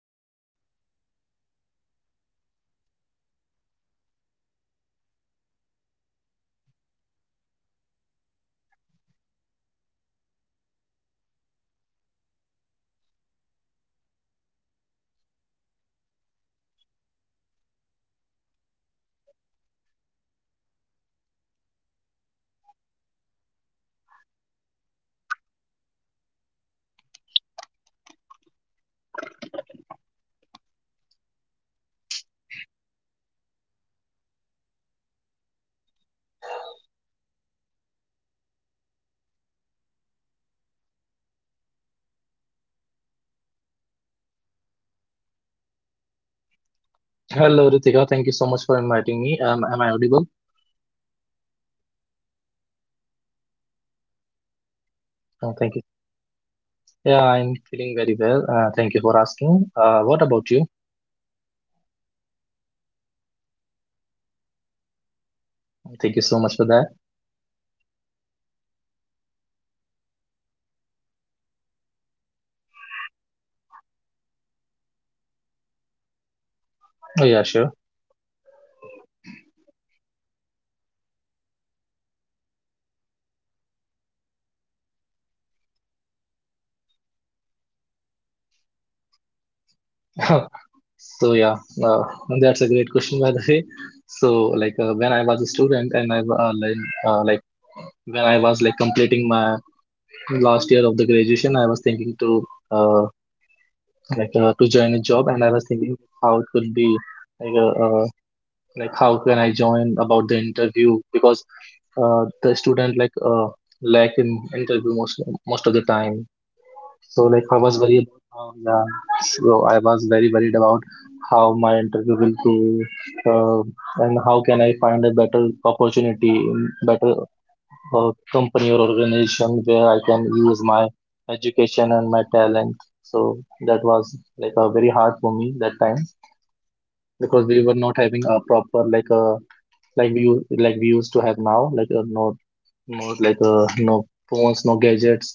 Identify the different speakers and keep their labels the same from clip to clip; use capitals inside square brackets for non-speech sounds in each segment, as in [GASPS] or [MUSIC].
Speaker 1: I'm your host Ritika. I am genuinely happy that you are chosen to spend some quiet time with us today. Uh, this is um this episode is quite very close to my heart because it's about phase almost all of us go through, but very few of us are prepared for. It is about today we'll talk about the first job. The moment when we and you are no longer just a student with deadlines and exams, but a working profession with the responsibilities, expectation of the parents, peer pressure, and consequences. And I am not having this conversation alone. I am joined by the Prince Mathur, someone who has experienced this transition firsthand. Prince, welcome to the podcast.
Speaker 2: Hello, Ritika. Thank you so much for inviting me. Am I audible?
Speaker 1: It is really great to have you here. How are you
Speaker 2: Oh,
Speaker 1: feeling
Speaker 2: thank you.
Speaker 1: today?
Speaker 2: Yeah, I'm feeling very well. Thank you for asking. What about you?
Speaker 1: I am good too. I am glad that you are here.
Speaker 2: Thank you so much for that.
Speaker 1: Okay, before we jump into the experience of our first job, I want to start somewhere softer. Like, Prince, let me ask you something very, very simple.
Speaker 2: Oh, yeah, sure.
Speaker 1: Okay, so when you were a student before your first job, how did you imagine work life would be? How did you think of like what you will gonna do in the future?
Speaker 2: [LAUGHS] So, uh, that's a great question, by the way. So when I was a student and uh, like, when I was like completing my last year of the graduation, I was thinking uh, to join a job, and I was thinking how it could be. like uh. uh, like, how can I join about the interview? Because the student like lack in interview most of the time. So
Speaker 1: Mm,
Speaker 2: like, I was
Speaker 1: everybody.
Speaker 2: worried about I was very worried about how my interview will go, uh, and how can I find a better opportunity in better uh, company or organization where I can use my education and my talent. So that was like a very hard for me that time, because we were not having a proper like a like we used to have now, like no phones, no gadgets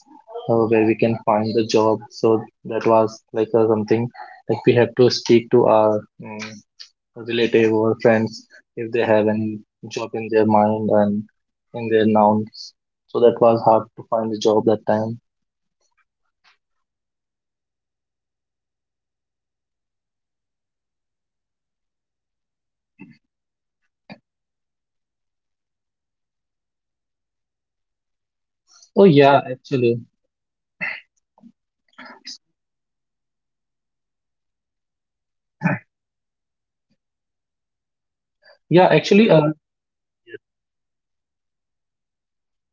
Speaker 2: where we can find the job. So that was like something like we have to speak to our um, relative or friends if they have any job in their mind and in their nouns. So that was hard to find the job that time.
Speaker 1: Yeah, the most important thing is independence, I guess. I thought once you get a job, it becomes sorted. Everybody think like that. We become independent and everything become very sorted. The life becomes sorted, right?
Speaker 2: Oh, yeah, actually.
Speaker 1: Yeah, I think most of us thought the same. As a student, we dream about freedom, earning our own money,
Speaker 2: Yeah,
Speaker 1: not even
Speaker 2: actually,
Speaker 1: asking the parents for expenses, right? Right?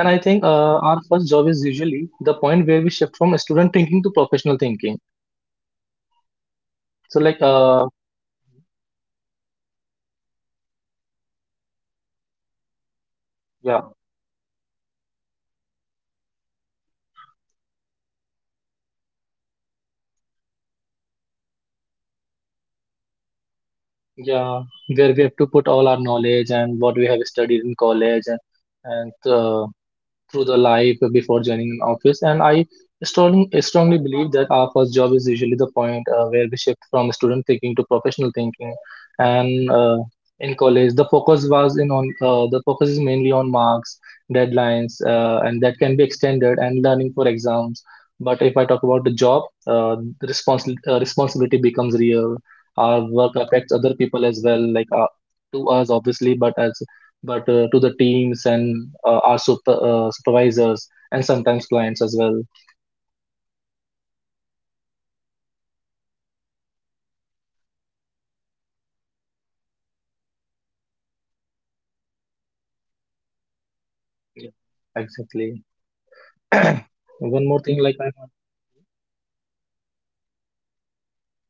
Speaker 2: and I think our first job is usually the point where we shift from student thinking to professional thinking.
Speaker 1: Hmm.
Speaker 2: so like
Speaker 1: being take
Speaker 2: uh
Speaker 1: uh, being like taken seriously is one of the vital role it play, like everybody
Speaker 2: yeah.
Speaker 1: think, everybody believe us, you know, everybody will take us very seriously, and the first job feels like a reward for all the years of studying.
Speaker 2: Yeah, where we have to put all our knowledge and what we have studied in college, and through the life before joining an office. And I strongly, strongly believe that our first job is usually the point where we shift from student thinking to professional thinking. And in college, the focus is mainly on marks, deadlines, and that can be extended and learning for exams. But if I talk about the job, responsibility becomes real. Our work affects other people as well, like to us obviously, but to the teams and our supervisors and sometimes clients as well.
Speaker 1: Yeah, that shift, that slowly changes how you think, how you behave, like how you see yourself, it all like, mentally we have to shift on that phase of the life, right?
Speaker 2: Yeah, exactly. [CLEARS THROAT]
Speaker 1: As
Speaker 2: One
Speaker 1: a
Speaker 2: more thing,
Speaker 1: student, mistakes are forgiven, right? Deadlines can be extended.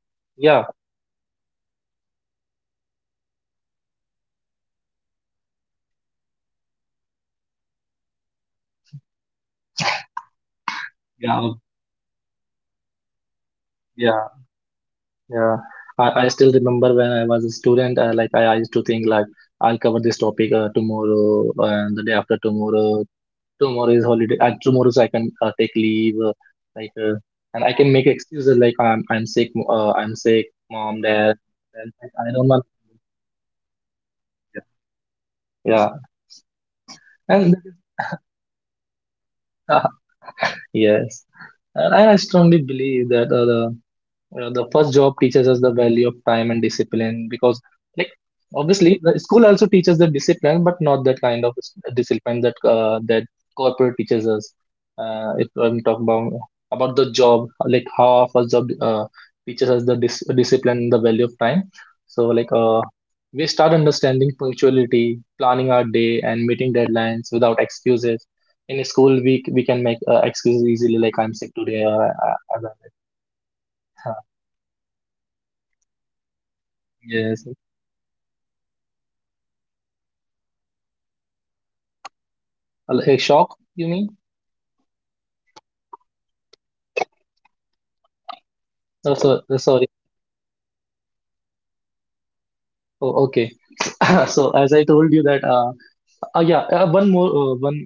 Speaker 1: Like we can
Speaker 2: yeah,
Speaker 1: extend the things, we can ignore the things as well. Attendance can be adjusted. They are very, you know, next semester we will do that in next semester. We will do that in the next month or something like that. But
Speaker 2: yeah,
Speaker 1: corporate life it doesn't work that way. We know that.
Speaker 2: yeah, yeah, I still remember when I was a student. I used to think like I'll cover this topic tomorrow and the day after
Speaker 1: Yes,
Speaker 2: tomorrow. Tomorrow is holiday. Tomorrow, so I can take leave. Like uh, and
Speaker 1: yeah.
Speaker 2: I can make excuses like I'm sick. I'm sick,
Speaker 1: And
Speaker 2: mom,
Speaker 1: and
Speaker 2: dad.
Speaker 1: that is the
Speaker 2: And I
Speaker 1: that
Speaker 2: I
Speaker 1: is
Speaker 2: don't want.
Speaker 1: where reality quietly enters, right?
Speaker 2: Yeah,
Speaker 1: We
Speaker 2: and
Speaker 1: directly get the reality check.
Speaker 2: [LAUGHS] yes, and I strongly believe that the first job teaches us the value of time and discipline, because, like,
Speaker 1: Very true.
Speaker 2: obviously, the school also teaches the discipline, but not that kind of discipline that that corporate teaches us. If I'm talking about the job, like how our first job teaches us the discipline, the value of time. So, like, we start understanding punctuality, planning our day, and meeting deadlines without excuses. In school, we can make excuses easily,
Speaker 1: Yeah.
Speaker 2: like I'm sick today,
Speaker 1: We
Speaker 2: or
Speaker 1: we
Speaker 2: I,
Speaker 1: used
Speaker 2: I,
Speaker 1: to make every student make to, you know, we used to make excuse. Okay, so
Speaker 2: Yes.
Speaker 1: what was the first big shock, you know, you felt after starting your job?
Speaker 2: A shock, you mean?
Speaker 1: Yeah, shock. I mean the biggest shift you think like that, that suddenly shifted
Speaker 2: Sorry.
Speaker 1: your mentality.
Speaker 2: Oh, okay. [LAUGHS] So as I told you that, one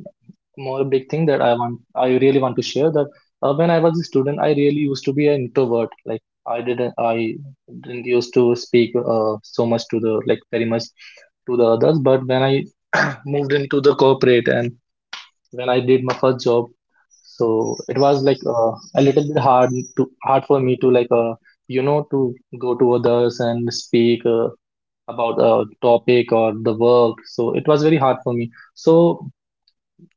Speaker 2: more big thing that I really want to share, that when I was a student, I really used to be an introvert. Like I didn't used to speak so much to the, like, very much to the others. But when I [CLEARS THROAT] moved into the corporate, and when I did my first job. So it was like a little bit hard for me to, like, you know, to go to others and speak about a topic or the work. So it was very hard for me. So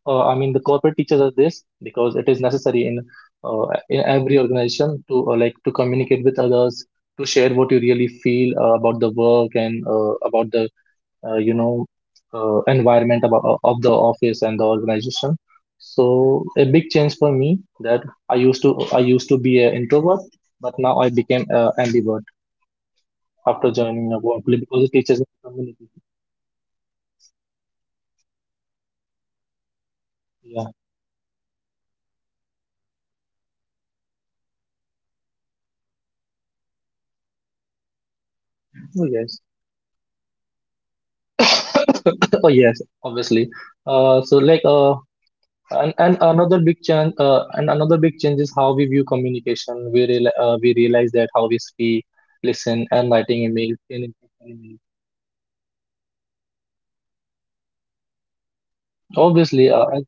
Speaker 2: I mean, the corporate teaches us this because it is necessary in every organization to like, to communicate with others, to share what you really feel about the work and about the you know environment of the office and the organization. So a big change for me, that I used to be an introvert, but now I became an ambivert after
Speaker 1: Mm. So
Speaker 2: joining a workplace, because it teaches
Speaker 1: additionally,
Speaker 2: me
Speaker 1: we got
Speaker 2: communication.
Speaker 1: so many responsibility after we start in the corporate, you know. In college, if
Speaker 2: Yeah.
Speaker 1: we mess up, it mostly affects you, but at the work, your mistake can affect the team or the client or even sometime at the company also.
Speaker 2: Oh,
Speaker 1: We
Speaker 2: yes.
Speaker 1: cannot make any mistake.
Speaker 2: Oh, yes, obviously. uh, so like uh and another big change is how we view communication. We realize that how we speak, listen, and
Speaker 1: Yes,
Speaker 2: writing
Speaker 1: yeah,
Speaker 2: emails
Speaker 1: yeah, true.
Speaker 2: and
Speaker 1: Your action are no longer just your action. They will become the part of the system. You have
Speaker 2: obviously
Speaker 1: to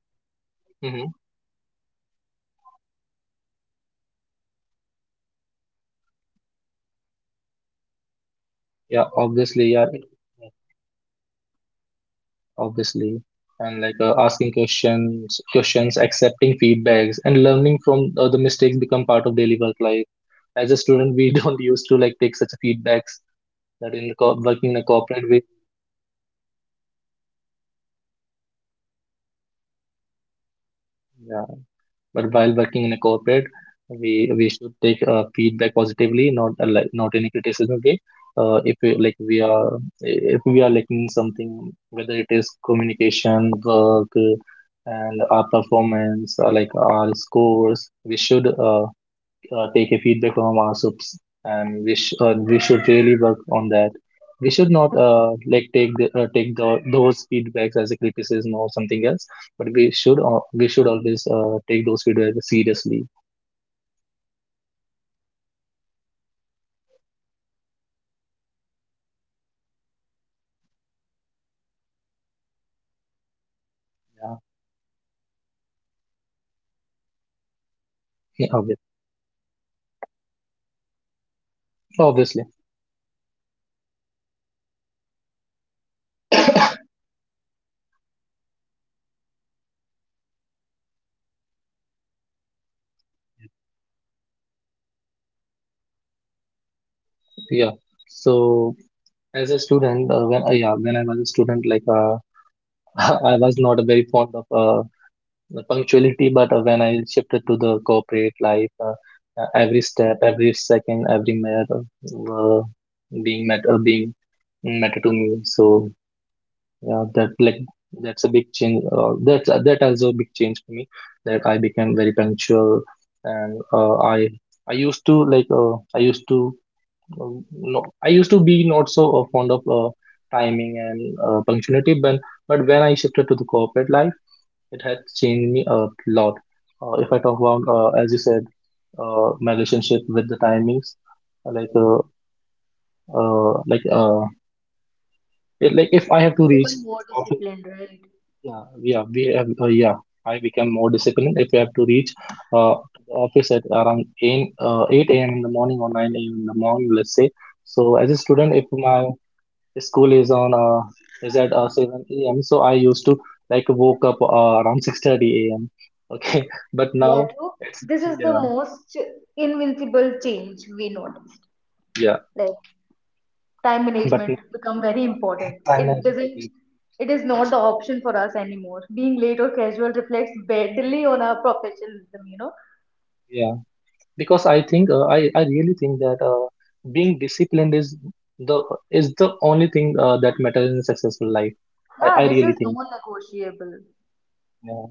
Speaker 1: very, you
Speaker 2: mhm.
Speaker 1: know, mm, secure about it that what you are saying, what you are doing, because eventually it is the part of system,
Speaker 2: Yeah,
Speaker 1: and
Speaker 2: obviously,
Speaker 1: that's
Speaker 2: yeah,
Speaker 1: when the mentality starts changing.
Speaker 2: obviously. And like, asking questions, accepting feedbacks, and learning from the mistakes become part of daily work life. As a student, we [LAUGHS] don't used to like take such feedbacks that in the working in a
Speaker 1: Yeah, we
Speaker 2: corporate
Speaker 1: are not, we are not used to the feedback feedbacks at back back at that time, you know.
Speaker 2: way. But while working in a corporate, we we should take feedback positively, not like, not in a criticism way. If we,
Speaker 1: Hmm.
Speaker 2: like we are, if we are lacking something, whether it is communication, work, and our performance, or like our scores, we should take a feedback from our subs, and we should really work on that. We should not like take the those feedbacks as a criticism or something else, but we should always take those feedbacks seriously.
Speaker 1: Yeah. If let's mm, Let's talk about time. In college, time like feels like flexible classes. We can skip the classes, right? Assignment
Speaker 2: Yeah,
Speaker 1: can be done in the last minute, or night belongs to us. But in the
Speaker 2: yeah
Speaker 1: job,
Speaker 2: obvi-
Speaker 1: time belongs to the commitments, meeting
Speaker 2: obviously,
Speaker 1: don't wait, deadlines don't care about your mood, how you are feeling, and this five-minute late suddenly matters, the five minutes two minutes start mattering a lot. So Prem, how did your relationship with time and change?
Speaker 2: yeah. So as a student, when I was a student, like [LAUGHS] I was not very fond of the punctuality, but when I shifted to the corporate life,
Speaker 1: Hmm.
Speaker 2: every step, every second, every minute being matter to me. So yeah, that like that's a big change. That's that also a big change for me. That I became very punctual, and I used to like I used to no, I used to be not so fond of timing and punctuality, but when I shifted to the corporate life, it had changed me a lot. If I talk about, as you said, my relationship with the timings, like, uh, uh, like, uh, it, like if I have to
Speaker 1: You
Speaker 2: reach,
Speaker 1: become more
Speaker 2: office,
Speaker 1: disciplined, right?
Speaker 2: yeah, yeah, we have, yeah, I become more disciplined. If I have to reach to the office at around 8 a.m. in the morning or 9 a.m. in the morning, let's say. So as a student, if my school is on is at 7 a.m. So I used to like woke up around 6:30 a.m. Okay, [LAUGHS] but
Speaker 1: Yeah,
Speaker 2: now
Speaker 1: true.
Speaker 2: it's
Speaker 1: This is the
Speaker 2: yeah,
Speaker 1: most invincible change we noticed.
Speaker 2: yeah,
Speaker 1: Like time
Speaker 2: [LAUGHS] but now
Speaker 1: management become very
Speaker 2: uh,
Speaker 1: important,
Speaker 2: time
Speaker 1: it
Speaker 2: management became-
Speaker 1: doesn't, it is not the option for us anymore, being late or casual reflects badly on our professionalism, you know.
Speaker 2: yeah, because I think I really think that being disciplined the is the only thing that matters in a successful life. I,
Speaker 1: Yeah,
Speaker 2: I
Speaker 1: this
Speaker 2: really
Speaker 1: is
Speaker 2: think
Speaker 1: non-negotiable,
Speaker 2: yeah,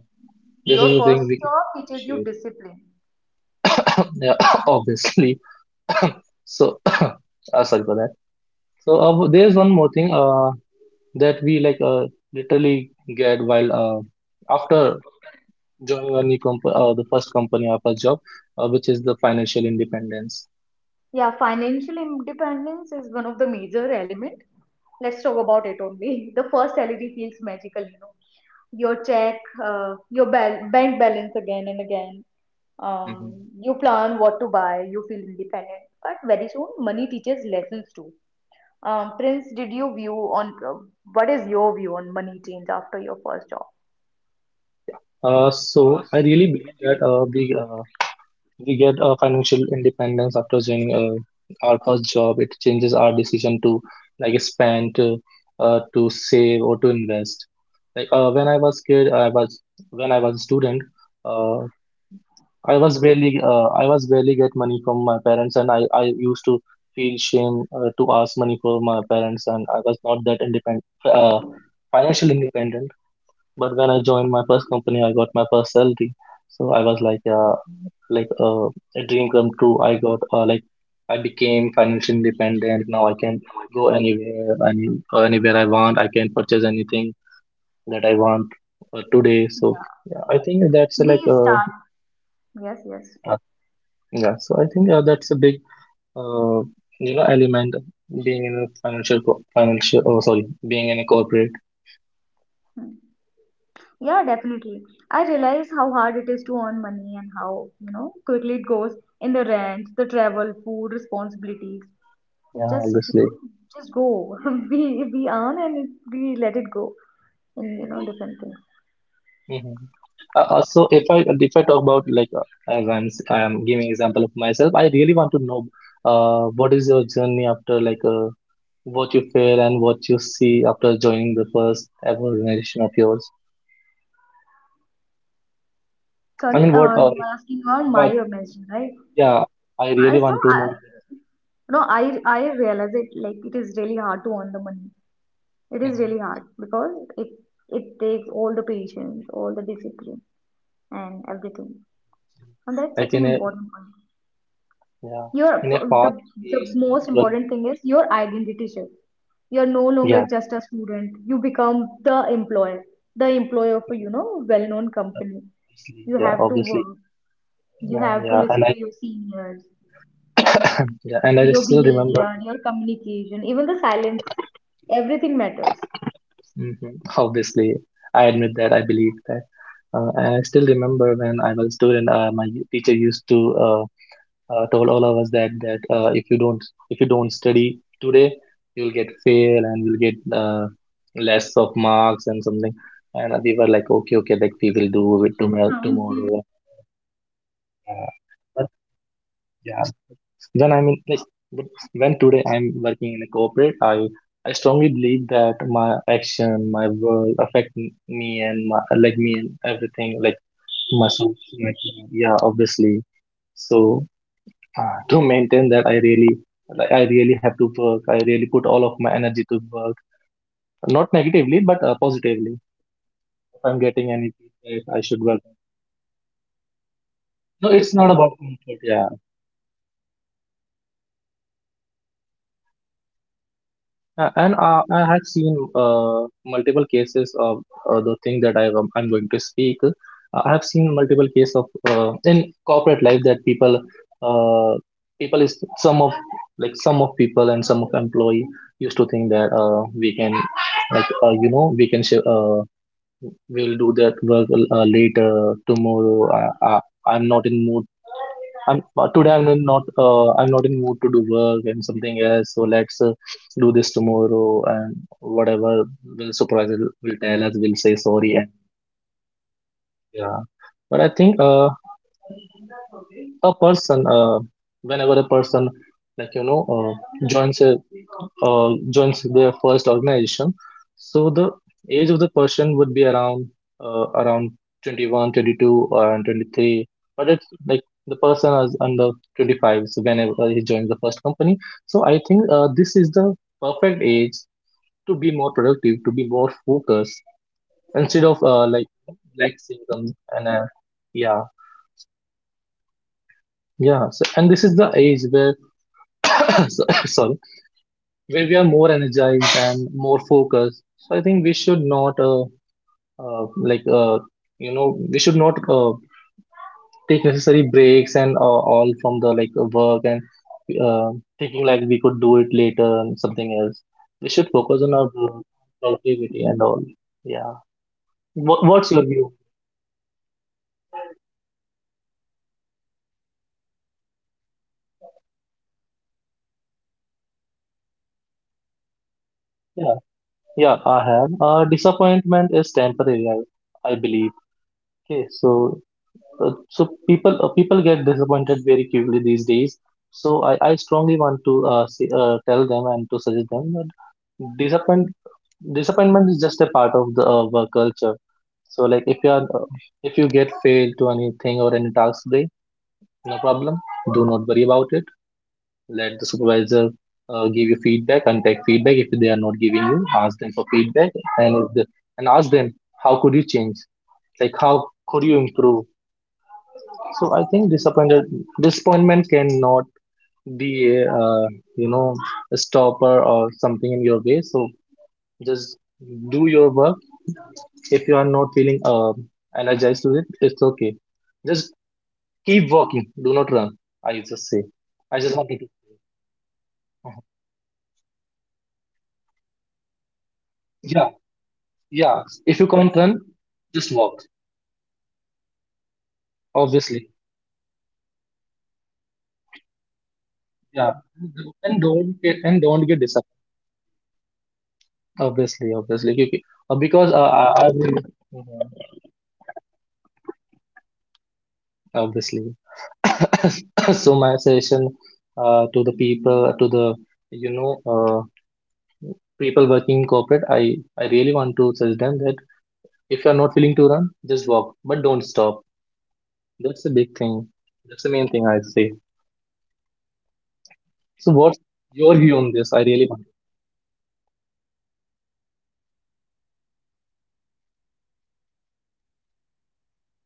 Speaker 2: this is
Speaker 1: your
Speaker 2: the
Speaker 1: first
Speaker 2: thing we can
Speaker 1: job teaches you
Speaker 2: appreciate.
Speaker 1: discipline.
Speaker 2: [COUGHS] Yeah. [COUGHS] Obviously. So [COUGHS] sorry for that. So there's one more thing. That we like literally get while after joining a the first company, our first job, which is the financial independence.
Speaker 1: Yeah, financial independence is one of the major element. Let's talk about it only. [LAUGHS] The first salary feels magical, you know. Your check, your bal bank balance again and again.
Speaker 2: Mhm.
Speaker 1: You plan what to buy. You feel independent, but very soon money teaches lessons too. Prince, did you view on what is your view on money change after your first job?
Speaker 2: So I really believe that we get financial independence after joining our first job. It changes our decision to like spend, to save or to invest. Like when I was kid, I was when I was a student. Uh, I was barely get money from my parents, and I used to feel shame to ask money for my parents, and I was not that independent financially independent. But when I joined my first company, I got my first salary. So I was like like uh, a dream come true. I got like I became financially independent. Now I can go anywhere, and anywhere I want, I can purchase anything that I want today. So
Speaker 1: Yeah.
Speaker 2: yeah, I think that's
Speaker 1: We start. Yes, yes.
Speaker 2: uh, yeah, so I think that's a big uh, you know, element being in a financial co- financial oh sorry being in a corporate.
Speaker 1: Hmm. Yeah, definitely. I realize how hard it is to earn money and how, you know, quickly it goes in the rent, the travel, food, responsibilities. It
Speaker 2: Yeah,
Speaker 1: just, you
Speaker 2: obviously.
Speaker 1: know, just go. [LAUGHS] We earn and we let it go in, you know, different things.
Speaker 2: Hmm. So if I talk about like as I'm giving example of myself, I really want to know what is your journey after like what you feel and what you see after joining the first ever organization of yours. I
Speaker 1: Sorry,
Speaker 2: mean, what
Speaker 1: you were asking about my
Speaker 2: but
Speaker 1: mention, right?
Speaker 2: yeah, I
Speaker 1: I
Speaker 2: really
Speaker 1: so
Speaker 2: want to know.
Speaker 1: I, no, I realize it, like it is really hard to earn the money. It is really
Speaker 2: Mhm.
Speaker 1: hard because it takes all the patience, all the discipline, and everything. And that's such
Speaker 2: like
Speaker 1: an
Speaker 2: in a
Speaker 1: important point.
Speaker 2: Yeah, in a
Speaker 1: Your the
Speaker 2: fast
Speaker 1: the
Speaker 2: pace.
Speaker 1: most important thing is your identity shift. You're no longer just a student. You become the employer of a, you know, well-known company. You have to
Speaker 2: Obviously,
Speaker 1: work. You
Speaker 2: yeah,
Speaker 1: have to
Speaker 2: yeah, and
Speaker 1: listen
Speaker 2: I,
Speaker 1: to your seniors,
Speaker 2: [COUGHS] [CLEARS THROAT] yeah, and I
Speaker 1: your
Speaker 2: still remember.
Speaker 1: behavior, your communication, even the silence. Everything matters.
Speaker 2: Hmm. Obviously, I admit that, I believe that, and I still remember when I was a student. My teacher used to uh, told all of us that if you don't, if you don't study today, you'll get fail and you'll get uh, less of marks and something. And we were like, okay, okay, like we will do it tomorrow,
Speaker 1: Huh, we will
Speaker 2: tomorrow.
Speaker 1: see. Yeah, we,
Speaker 2: Uh,
Speaker 1: we yeah,
Speaker 2: but
Speaker 1: true. We do like that.
Speaker 2: yeah, When I mean, like, but when today I'm working in a corporate, I strongly believe that my action, my work affect me and my like me and everything, like
Speaker 1: Your job role as
Speaker 2: myself,
Speaker 1: well.
Speaker 2: my team. Yeah, obviously. So to maintain that, I really I really have to work. I really put all of my energy to work, not negatively but positively. If
Speaker 1: I
Speaker 2: I'm getting
Speaker 1: understand.
Speaker 2: any
Speaker 1: The
Speaker 2: feedback,
Speaker 1: first
Speaker 2: I
Speaker 1: job
Speaker 2: should
Speaker 1: is
Speaker 2: work.
Speaker 1: not about comfort, you know, friends. It is not
Speaker 2: No,
Speaker 1: about
Speaker 2: it's
Speaker 1: the
Speaker 2: not
Speaker 1: comfort.
Speaker 2: about
Speaker 1: It is
Speaker 2: comfort.
Speaker 1: about
Speaker 2: Yeah.
Speaker 1: yeah, learning how the real world works. It is about it is all about it.
Speaker 2: And I have seen multiple cases of the thing that I'm going to speak. I have seen multiple cases of in corporate life that people, uh, people is some of, some of people and some of employee used to think that we can, we can we'll do that work later tomorrow. I, I'm not in mood. I'm today. I'm in not. I'm not in mood to do work and something else. So let's do this tomorrow and whatever will surprise will tell us.
Speaker 1: Yeah,
Speaker 2: We'll say
Speaker 1: we
Speaker 2: sorry and
Speaker 1: procrastinate the things.
Speaker 2: yeah. But I think a person, whenever a person like you know uh, joins a, uh, joins their first organization, so the age of the person would be around around 21 22 and 23, but it's like the person is under 25, so whenever he joins the first company, so I think this is the perfect age to be more productive, to be more focused,
Speaker 1: Yeah,
Speaker 2: instead
Speaker 1: we
Speaker 2: of
Speaker 1: are more energetic in this
Speaker 2: relaxing
Speaker 1: area.
Speaker 2: and
Speaker 1: The
Speaker 2: yeah.
Speaker 1: youth is the energetic.
Speaker 2: Yeah, so, and this is the age where, [COUGHS] [COUGHS] sorry, where we are more energized and more focused. So I think we should not, uh, like, uh, we should not take necessary breaks and all from the work and uh, thinking like we could do it later and something else. We should
Speaker 1: Absolutely, we
Speaker 2: focus
Speaker 1: should
Speaker 2: on our
Speaker 1: not
Speaker 2: work,
Speaker 1: procrastinate the things.
Speaker 2: productivity and all. Yeah.
Speaker 1: Okay,
Speaker 2: What,
Speaker 1: so
Speaker 2: what's your
Speaker 1: friends,
Speaker 2: view?
Speaker 1: what would you say to someone who feels disappointed in their first job? You know, what what is your thought on that? Would you want to share something with us on that?
Speaker 2: Yeah, yeah, I have. Disappointment is temporary, I believe. Okay, so so people get disappointed very quickly these days. So I strongly want to say, tell them and to suggest them that disappoint disappointment is just a part of the work culture. So like if you are if you get failed to anything or any task today, no problem. Do not worry about it. Let the supervisor give you feedback and take feedback. If they are not giving you, ask them for
Speaker 1: Mm.
Speaker 2: feedback and if the, and ask them how could you change? Like how could you improve? So I think disappointed disappointment cannot be, uh, you know a stopper or something in your way. So just do your work. If you are not feeling energized to it, it's okay. Just keep walking. Do not run. I just say.
Speaker 1: Yeah, right.
Speaker 2: I
Speaker 1: I
Speaker 2: just wanted to.
Speaker 1: agree with you. I, I, I honestly agree with you. Like, we should give it time. Learn as much
Speaker 2: Yeah,
Speaker 1: as you can. Just
Speaker 2: yeah.
Speaker 1: you
Speaker 2: If you
Speaker 1: have to
Speaker 2: can't
Speaker 1: focus
Speaker 2: run,
Speaker 1: on your
Speaker 2: just walk.
Speaker 1: learning, your skill development. Observe,
Speaker 2: Obviously.
Speaker 1: adapt, and don't quit. Don't quit too fast. It is like very
Speaker 2: Yeah.
Speaker 1: important to not quit too
Speaker 2: And
Speaker 1: fast,
Speaker 2: don't get, and
Speaker 1: unless
Speaker 2: don't get
Speaker 1: it's
Speaker 2: disappointed.
Speaker 1: affect your mental health.
Speaker 2: Obviously, obviously. Okay. Okay. Because
Speaker 1: Mental health
Speaker 2: I
Speaker 1: becomes a
Speaker 2: will-
Speaker 1: very, you
Speaker 2: Mhm.
Speaker 1: know, important in corporate.
Speaker 2: Obviously. [COUGHS] So my suggestion to the people, to the you know uh, people working in corporate, I really want to suggest them that if you're not willing to run, just walk, but don't stop. That's the big
Speaker 1: Yes.
Speaker 2: thing. That's the main thing I say.
Speaker 1: Yeah. Uh,
Speaker 2: So what's
Speaker 1: mm,
Speaker 2: your view
Speaker 1: do
Speaker 2: on
Speaker 1: you
Speaker 2: this? I
Speaker 1: want
Speaker 2: really
Speaker 1: to?
Speaker 2: want to.
Speaker 1: Yeah, my view. As I have said it earlier, we should learn as much as we can.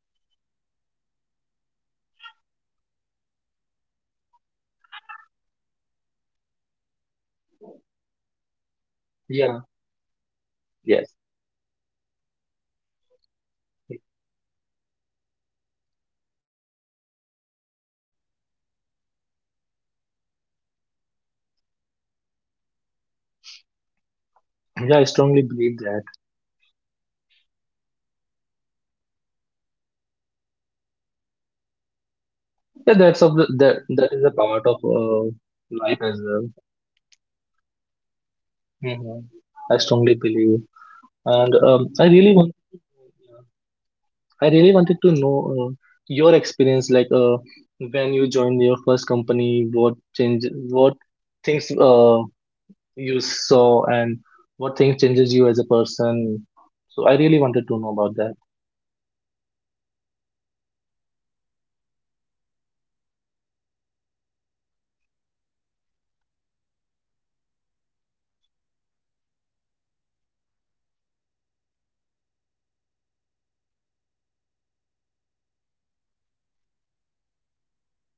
Speaker 1: We should focus on skill development. All we learn, all we, you know, develop through throughout the journey. We should observe the things. It will help a
Speaker 2: Yeah.
Speaker 1: lot. We should adapt
Speaker 2: Yes.
Speaker 1: the environment, and most importantly, um we should not take some, you know, hypertension or affect, the things that will affect our mental health.
Speaker 2: Yeah, I strongly believe that.
Speaker 1: Because in corporate toxicity become very, very, very normal,
Speaker 2: Yeah, that's of
Speaker 1: we
Speaker 2: the,
Speaker 1: should
Speaker 2: that
Speaker 1: not
Speaker 2: that is a
Speaker 1: normalize,
Speaker 2: part of
Speaker 1: yeah, the thing, we
Speaker 2: life
Speaker 1: should
Speaker 2: as
Speaker 1: not
Speaker 2: well.
Speaker 1: normalize the toxicity,
Speaker 2: Mhm. I strongly believe. And
Speaker 1: yeah, it
Speaker 2: I really
Speaker 1: damages
Speaker 2: want,
Speaker 1: our mental health.
Speaker 2: I really wanted to know your experience, like when you joined your first company, what change, what things you saw, and what thing changes you as a person. So I really wanted to know about that.
Speaker 1: Yeah, when I shift to as a student to a professional, you know, employee, one thing I feel like that that mark don't teach communication. Marks just doesn't matter. Degree don't teach emotional intelligence. The first job does. The first job we are doing that does.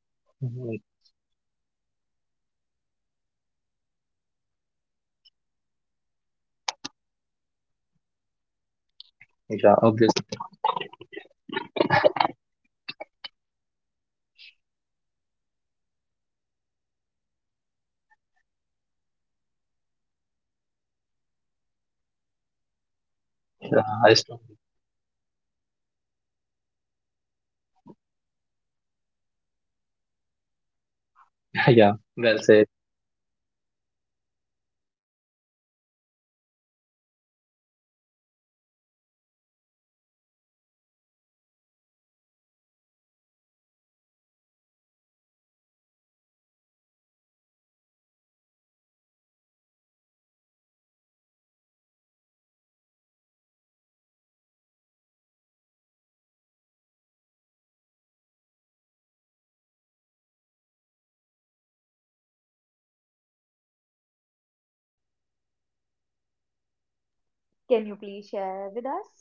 Speaker 1: The
Speaker 2: Mhm.
Speaker 1: first job will change you. It completely [LAUGHS] change you, not overnight, but slowly. It will make you stronger, more aware, even more responsible. You will
Speaker 2: Yeah,
Speaker 1: lose some
Speaker 2: obviously.
Speaker 1: innocence, but gain clarity. And clarity of mind, clarity of thought is all you need throughout your life. You will play, you will sometimes feel pressure, but also the purpose. You know what you have to achieve. Like your
Speaker 2: Yeah,
Speaker 1: goal
Speaker 2: I,
Speaker 1: will be
Speaker 2: strongly-
Speaker 1: very visible, very clearly visible to you. And it is a, it is all about final destination, you know,
Speaker 2: [LAUGHS] yeah,
Speaker 1: it is
Speaker 2: well
Speaker 1: your
Speaker 2: said.
Speaker 1: foundation. [LAUGHS] So yeah, that is my experience. [GASPS] [LAUGHS] That is my view on my first job. Um, how was your first job? Like, what is the main thing you remember about it? Can you please share with us?